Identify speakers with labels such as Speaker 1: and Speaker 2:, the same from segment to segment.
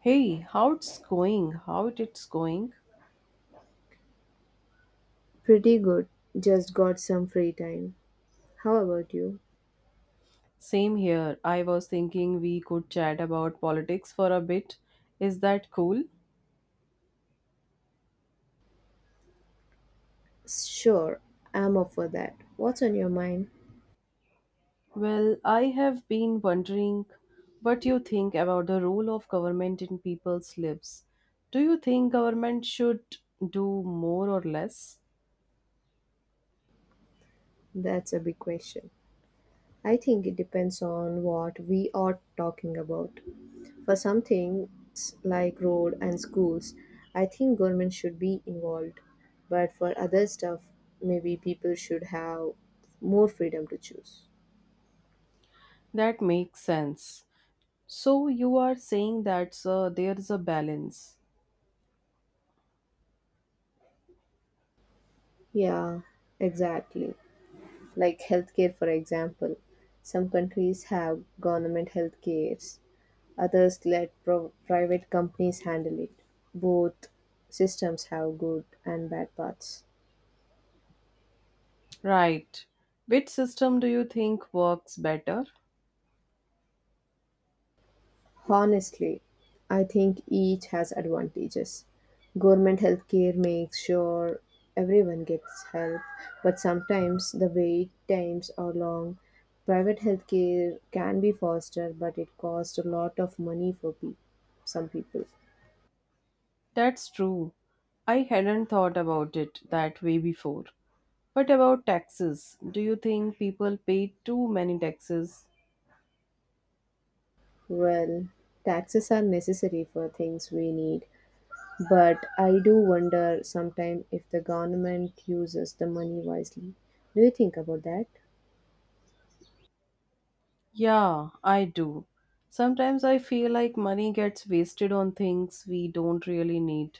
Speaker 1: Hey, how it's going?
Speaker 2: Pretty good. Just got some free time. How about you?
Speaker 1: Same here. I was thinking we could chat about politics for a bit. Is that cool?
Speaker 2: Sure, I'm up for that. What's on your mind?
Speaker 1: Well, I have been wondering what you think about the role of government in people's lives. Do you think government should do more or less?
Speaker 2: That's a big question. I think it depends on what we are talking about. For some things like road and schools, I think government should be involved. But for other stuff, maybe people should have more freedom to choose.
Speaker 1: That makes sense. So you are saying that there is a balance.
Speaker 2: Yeah, exactly. Like healthcare, for example. Some countries have government healthcare. Others let private companies handle it. Both systems have good and bad parts.
Speaker 1: Right. Which system do you think works better?
Speaker 2: Honestly, I think each has advantages. Government healthcare makes sure everyone gets help, but sometimes the wait times are long. Private healthcare can be faster, but it costs a lot of money for some people.
Speaker 1: That's true. I hadn't thought about it that way before. What about taxes? Do you think people pay too many taxes?
Speaker 2: Well, taxes are necessary for things we need, but I do wonder sometimes if the government uses the money wisely. Do you think about that?
Speaker 1: Yeah, I do. Sometimes I feel like money gets wasted on things we don't really need.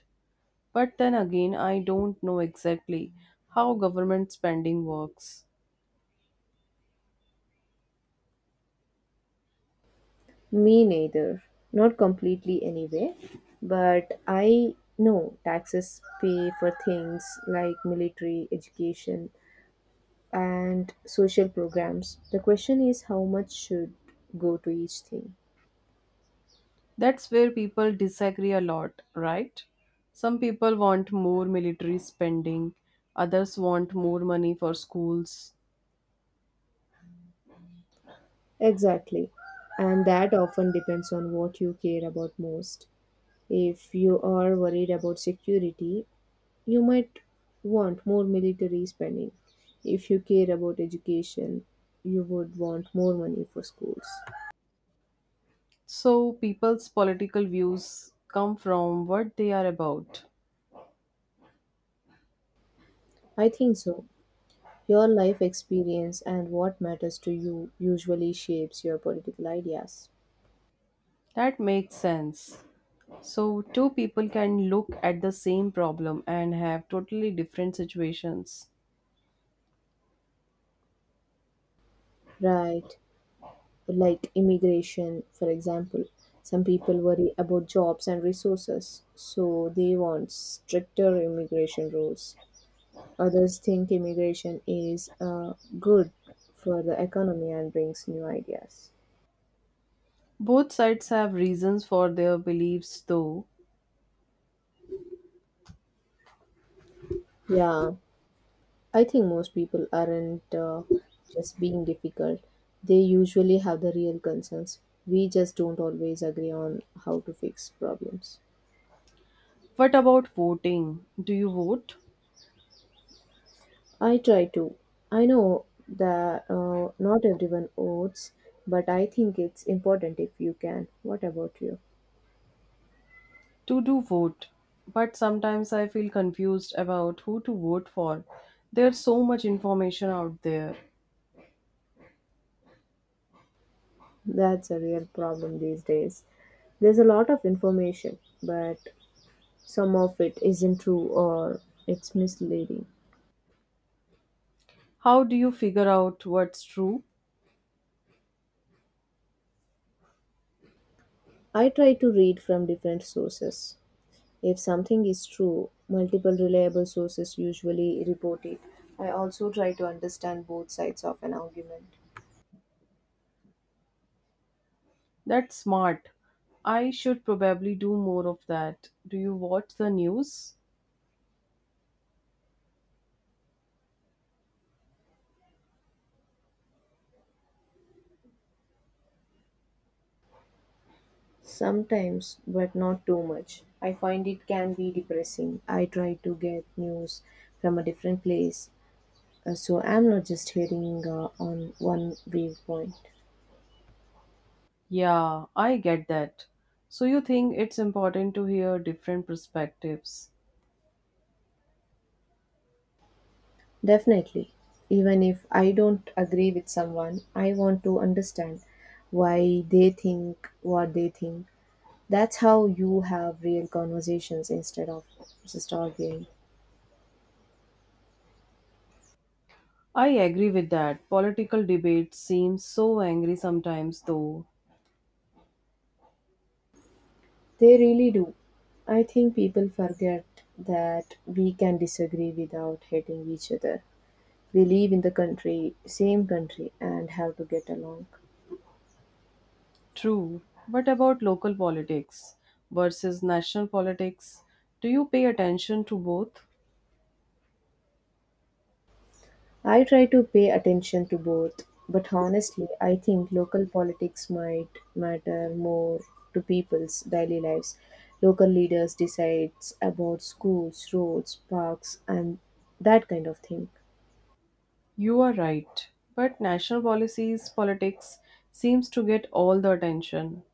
Speaker 1: But then again, I don't know exactly how government spending works.
Speaker 2: Me neither. Not completely anyway. But I know taxes pay for things like military, education, and social programs. The question is, how much should go to each thing?
Speaker 1: That's where people disagree a lot, right? Some people want more military spending, others want more money for schools.
Speaker 2: Exactly. And that often depends on what you care about most. If you are worried about security, you might want more military spending. If you care about education, you would want more money for schools.
Speaker 1: So people's political views come from what they are about.
Speaker 2: I think so. Your life experience and what matters to you usually shapes your political ideas.
Speaker 1: That makes sense. So two people can look at the same problem and have totally different situations.
Speaker 2: Right. Like immigration, for example. Some people worry about jobs and resources, so they want stricter immigration rules. Others think immigration is good for the economy and brings new ideas.
Speaker 1: Both sides have reasons for their beliefs though.
Speaker 2: Yeah, I think most people aren't just being difficult. They usually have the real concerns. We just don't always agree on how to fix problems.
Speaker 1: What about voting? Do you vote?
Speaker 2: I try to. I know that not everyone votes, but I think it's important if you can. What about you?
Speaker 1: To do vote. But sometimes I feel confused about who to vote for. There's so much information out there.
Speaker 2: That's a real problem these days. There's a lot of information, but some of it isn't true, or it's misleading.
Speaker 1: How do you figure out what's true?
Speaker 2: I try to read from different sources. If something is true, multiple reliable sources usually report it. I also try to understand both sides of an argument.
Speaker 1: That's smart. I should probably do more of that. Do you watch the news?
Speaker 2: Sometimes, but not too much. I find it can be depressing. I try to get news from a different place, so I'm not just hearing on one viewpoint.
Speaker 1: Yeah, I get that. So you think it's important to hear different perspectives.
Speaker 2: Definitely. Even if I don't agree with someone, I want to understand why they think what they think. That's how you have real conversations instead of just arguing.
Speaker 1: I agree with that. Political debates seem so angry sometimes though.
Speaker 2: They really do. I think people forget that we can disagree without hating each other. We live in the country, same country, and have to get along.
Speaker 1: True. But about local politics versus national politics, do you pay attention to both?
Speaker 2: I try to pay attention to both, but honestly, I think local politics might matter more to people's daily lives. Local leaders decides about schools, roads, parks, and that kind of thing.
Speaker 1: You are right. But national policies politics seems to get all the attention.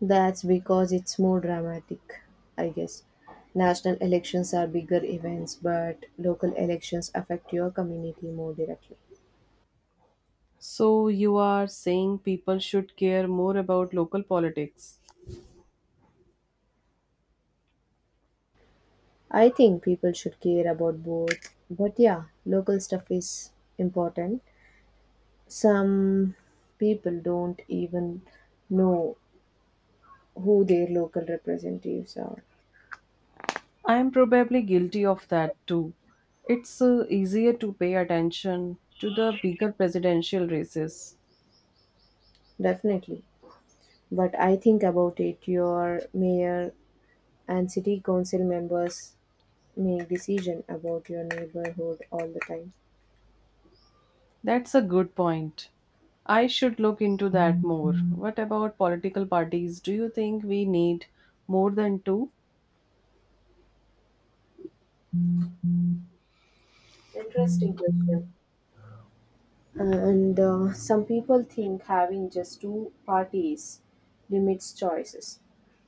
Speaker 2: That's because it's more dramatic, I guess. National elections are bigger events, but local elections affect your community more directly.
Speaker 1: So you are saying people should care more about local politics.
Speaker 2: I think people should care about both, but yeah, local stuff is important. Some people don't even know who their local representatives are.
Speaker 1: I am probably guilty of that too. It's easier to pay attention to the bigger presidential races.
Speaker 2: Definitely. But I think about it, your mayor and city council members make decision about your neighborhood all the time.
Speaker 1: That's a good point. I should look into that more. What about political parties? Do you think we need more than two?
Speaker 2: Interesting question. And Some people think having just two parties limits choices.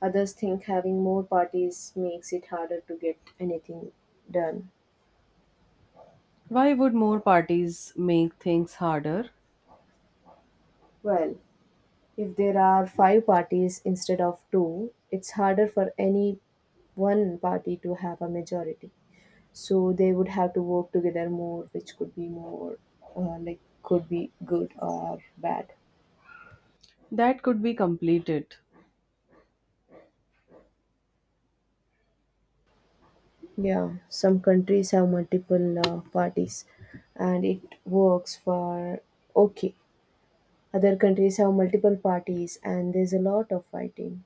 Speaker 2: Others think having more parties makes it harder to get anything done.
Speaker 1: Why would more parties make things harder?
Speaker 2: Well, if there are five parties instead of two, it's harder for any one party to have a majority, so they would have to work together more, which could be more like could be good or bad.
Speaker 1: That could be completed.
Speaker 2: Yeah, some countries have multiple parties, and it works for okay. Other countries have multiple parties and there's a lot of fighting.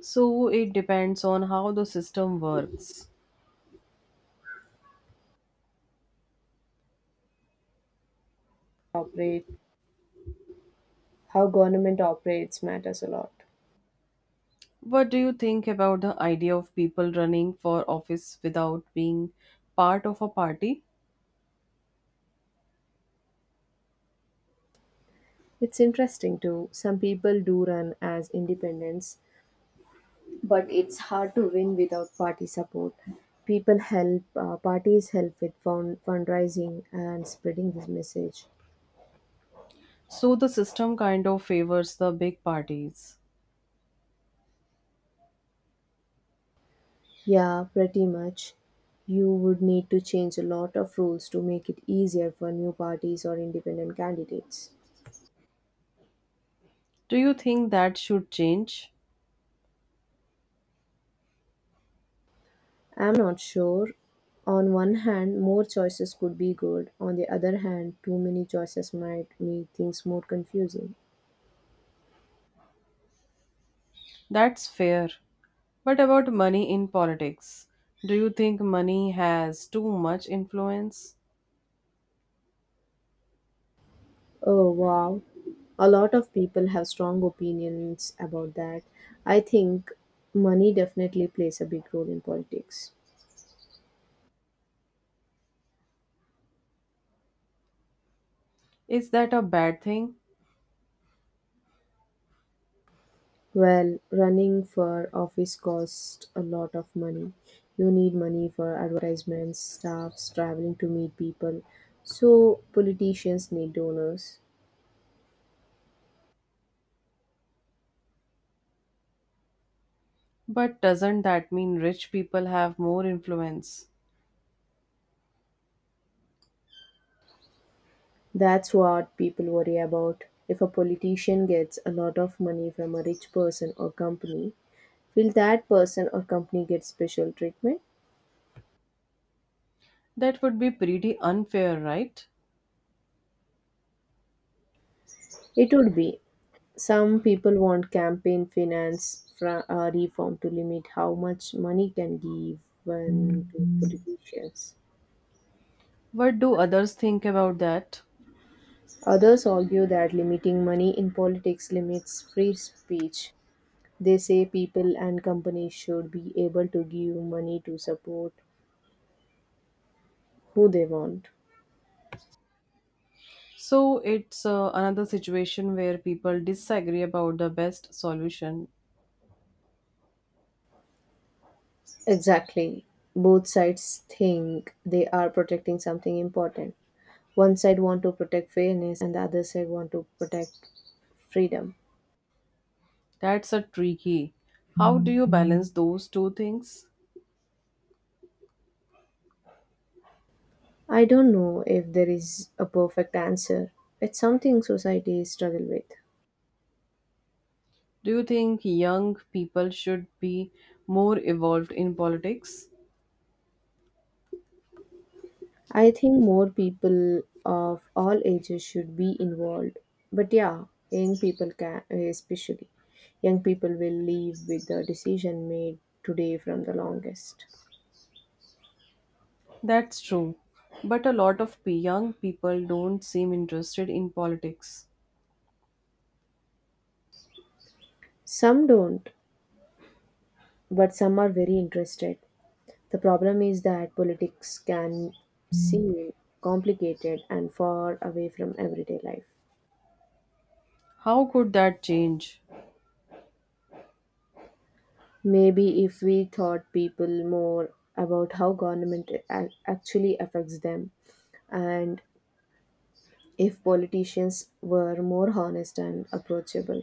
Speaker 1: So it depends on how the system works.
Speaker 2: Operate how government operates matters a lot.
Speaker 1: What do you think about the idea of people running for office without being part of a party?
Speaker 2: It's interesting too. Some people do run as independents, but it's hard to win without party support. People help, parties help with fundraising and spreading this message.
Speaker 1: So the system kind of favors the big parties.
Speaker 2: Yeah, pretty much. You would need to change a lot of rules to make it easier for new parties or independent candidates.
Speaker 1: Do you think that should change?
Speaker 2: I'm not sure. On one hand, more choices could be good. On the other hand, too many choices might make things more confusing.
Speaker 1: That's fair. What about money in politics? Do you think money has too much influence?
Speaker 2: Oh, wow. A lot of people have strong opinions about that. I think money definitely plays a big role in politics.
Speaker 1: Is that a bad thing?
Speaker 2: Well, running for office costs a lot of money. You need money for advertisements, staffs, traveling to meet people. So, politicians need donors.
Speaker 1: But doesn't that mean rich people have more influence?
Speaker 2: That's what people worry about. If a politician gets a lot of money from a rich person or company, will that person or company get special treatment?
Speaker 1: That would be pretty unfair, right?
Speaker 2: It would be. Some people want campaign finance reform to limit how much money can be given to politicians.
Speaker 1: What do others think about that?
Speaker 2: Others argue that limiting money in politics limits free speech. They say people and companies should be able to give money to support who they want.
Speaker 1: So it's another situation where people disagree about the best solution.
Speaker 2: Exactly. Both sides think they are protecting something important. One side want to protect fairness and the other side want to protect freedom.
Speaker 1: That's a tricky. How do you balance those two things?
Speaker 2: I don't know if there is a perfect answer. It's something society struggle with.
Speaker 1: Do you think young people should be more evolved in politics?
Speaker 2: I think more people of all ages should be involved. But yeah, young people can, especially young people will leave with the decision made today from the longest.
Speaker 1: That's true. But a lot of young people don't seem interested in politics.
Speaker 2: Some don't, but some are very interested. The problem is that politics can seem complicated and far away from everyday life.
Speaker 1: How could that change?
Speaker 2: Maybe if we taught people more about how government actually affects them, and if politicians were more honest and approachable.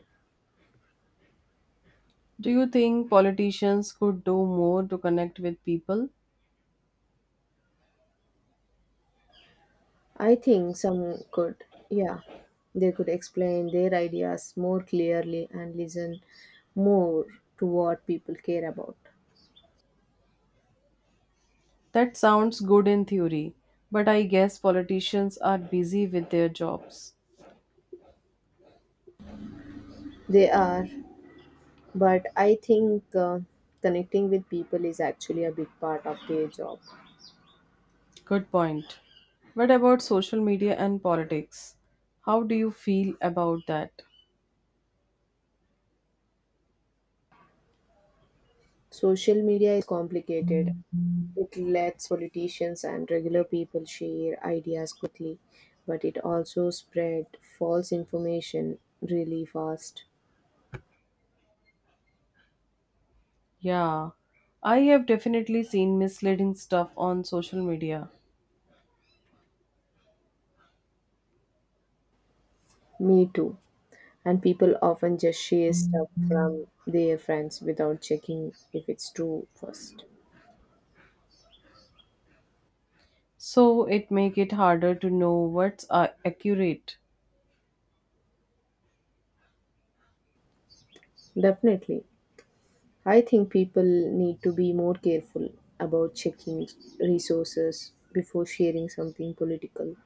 Speaker 1: Do you think politicians could do more to connect with people?
Speaker 2: I think some could, yeah, they could explain their ideas more clearly and listen more to what people care about.
Speaker 1: That sounds good in theory, but I guess politicians are busy with their jobs.
Speaker 2: They are, but I think connecting with people is actually a big part of their job.
Speaker 1: Good point. What about social media and politics? How do you feel about that?
Speaker 2: Social media is complicated. It lets politicians and regular people share ideas quickly, but it also spread false information really fast.
Speaker 1: Yeah, I have definitely seen misleading stuff on social media.
Speaker 2: Me too. And people often just share stuff from their friends without checking if it's true first.
Speaker 1: So it make it harder to know what's accurate.
Speaker 2: Definitely. I think people need to be more careful about checking resources before sharing something political.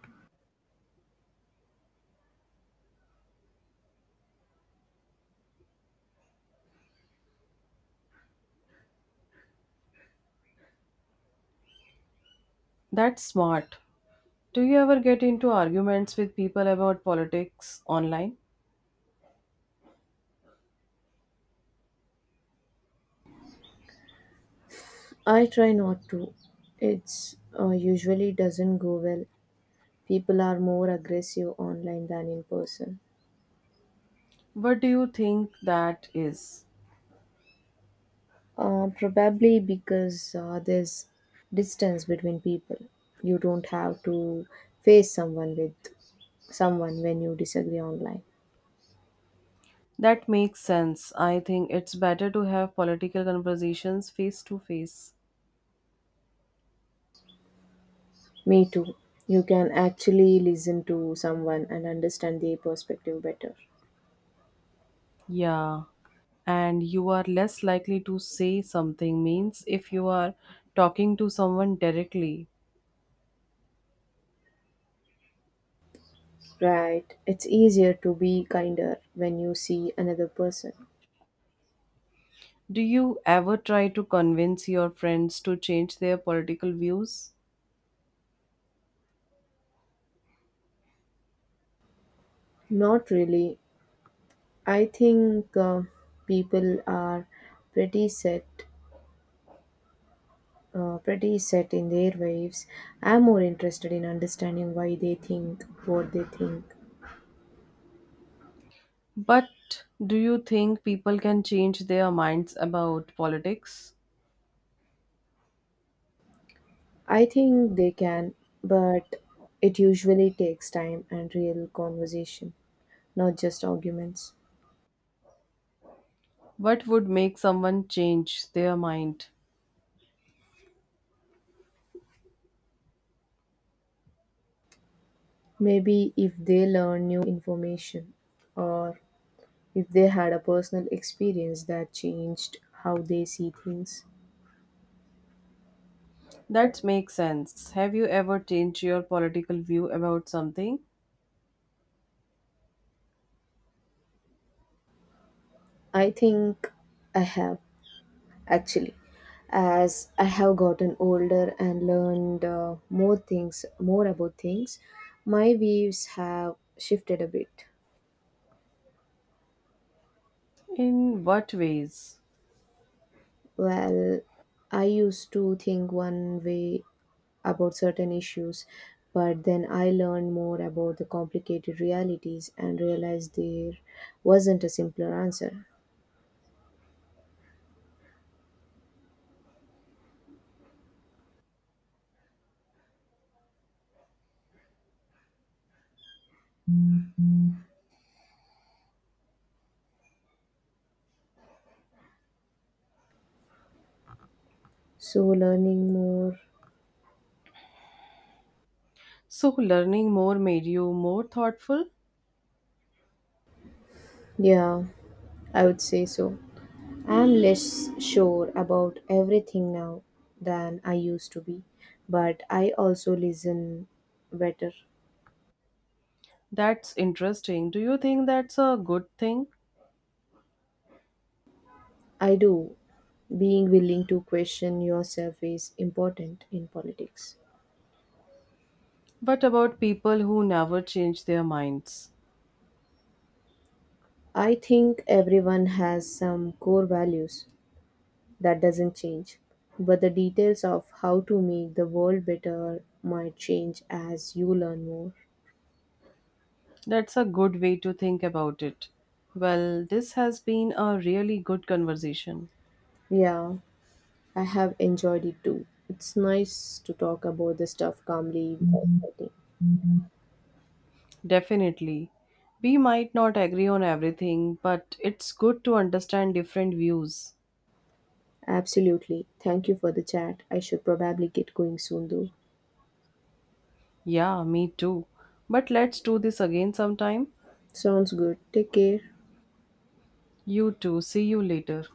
Speaker 1: That's smart. Do you ever get into arguments with people about politics online?
Speaker 2: I try not to. It's usually doesn't go well. People are more aggressive online than in person.
Speaker 1: What do you think that is?
Speaker 2: Probably because there's distance between people. You don't have to face someone with someone when you disagree online.
Speaker 1: That makes sense. I think it's better to have political conversations face to face.
Speaker 2: Me too. You can actually listen to someone and understand their perspective better.
Speaker 1: Yeah. And you are less likely to say something means if you are talking to someone directly.
Speaker 2: Right. It's easier to be kinder when you see another person.
Speaker 1: Do you ever try to convince your friends to change their political views?
Speaker 2: Not really. I think people are pretty set pretty set in their ways. I'm more interested in understanding why they think what they think.
Speaker 1: But do you think people can change their minds about politics?
Speaker 2: I think they can, but it usually takes time and real conversation, not just arguments.
Speaker 1: What would make someone change their mind?
Speaker 2: Maybe if they learn new information, or if they had a personal experience that changed how they see things.
Speaker 1: That makes sense. Have you ever changed your political view about something?
Speaker 2: I think I have. Actually, as I have gotten older and learned more about things, my views have shifted a bit.
Speaker 1: In what ways?
Speaker 2: Well, I used to think one way about certain issues, but then I learned more about the complicated realities and realized there wasn't a simpler answer. So learning more.
Speaker 1: So, learning more made you more thoughtful?
Speaker 2: Yeah, I would say so. I'm less sure about everything now than I used to be, but I also listen better.
Speaker 1: That's interesting. Do you think that's a good thing?
Speaker 2: I do. Being willing to question yourself is important in politics.
Speaker 1: But about people who never change their minds?
Speaker 2: I think everyone has some core values that doesn't change, but the details of how to make the world better might change as you learn more.
Speaker 1: That's a good way to think about it. Well, this has been a really good conversation.
Speaker 2: Yeah, I have enjoyed it too. It's nice to talk about the stuff calmly without fighting.
Speaker 1: Definitely. We might not agree on everything, but it's good to understand different views.
Speaker 2: Absolutely. Thank you for the chat. I should probably get going soon though.
Speaker 1: Yeah, me too. But let's do this again sometime.
Speaker 2: Sounds good. Take care.
Speaker 1: You too. See you later.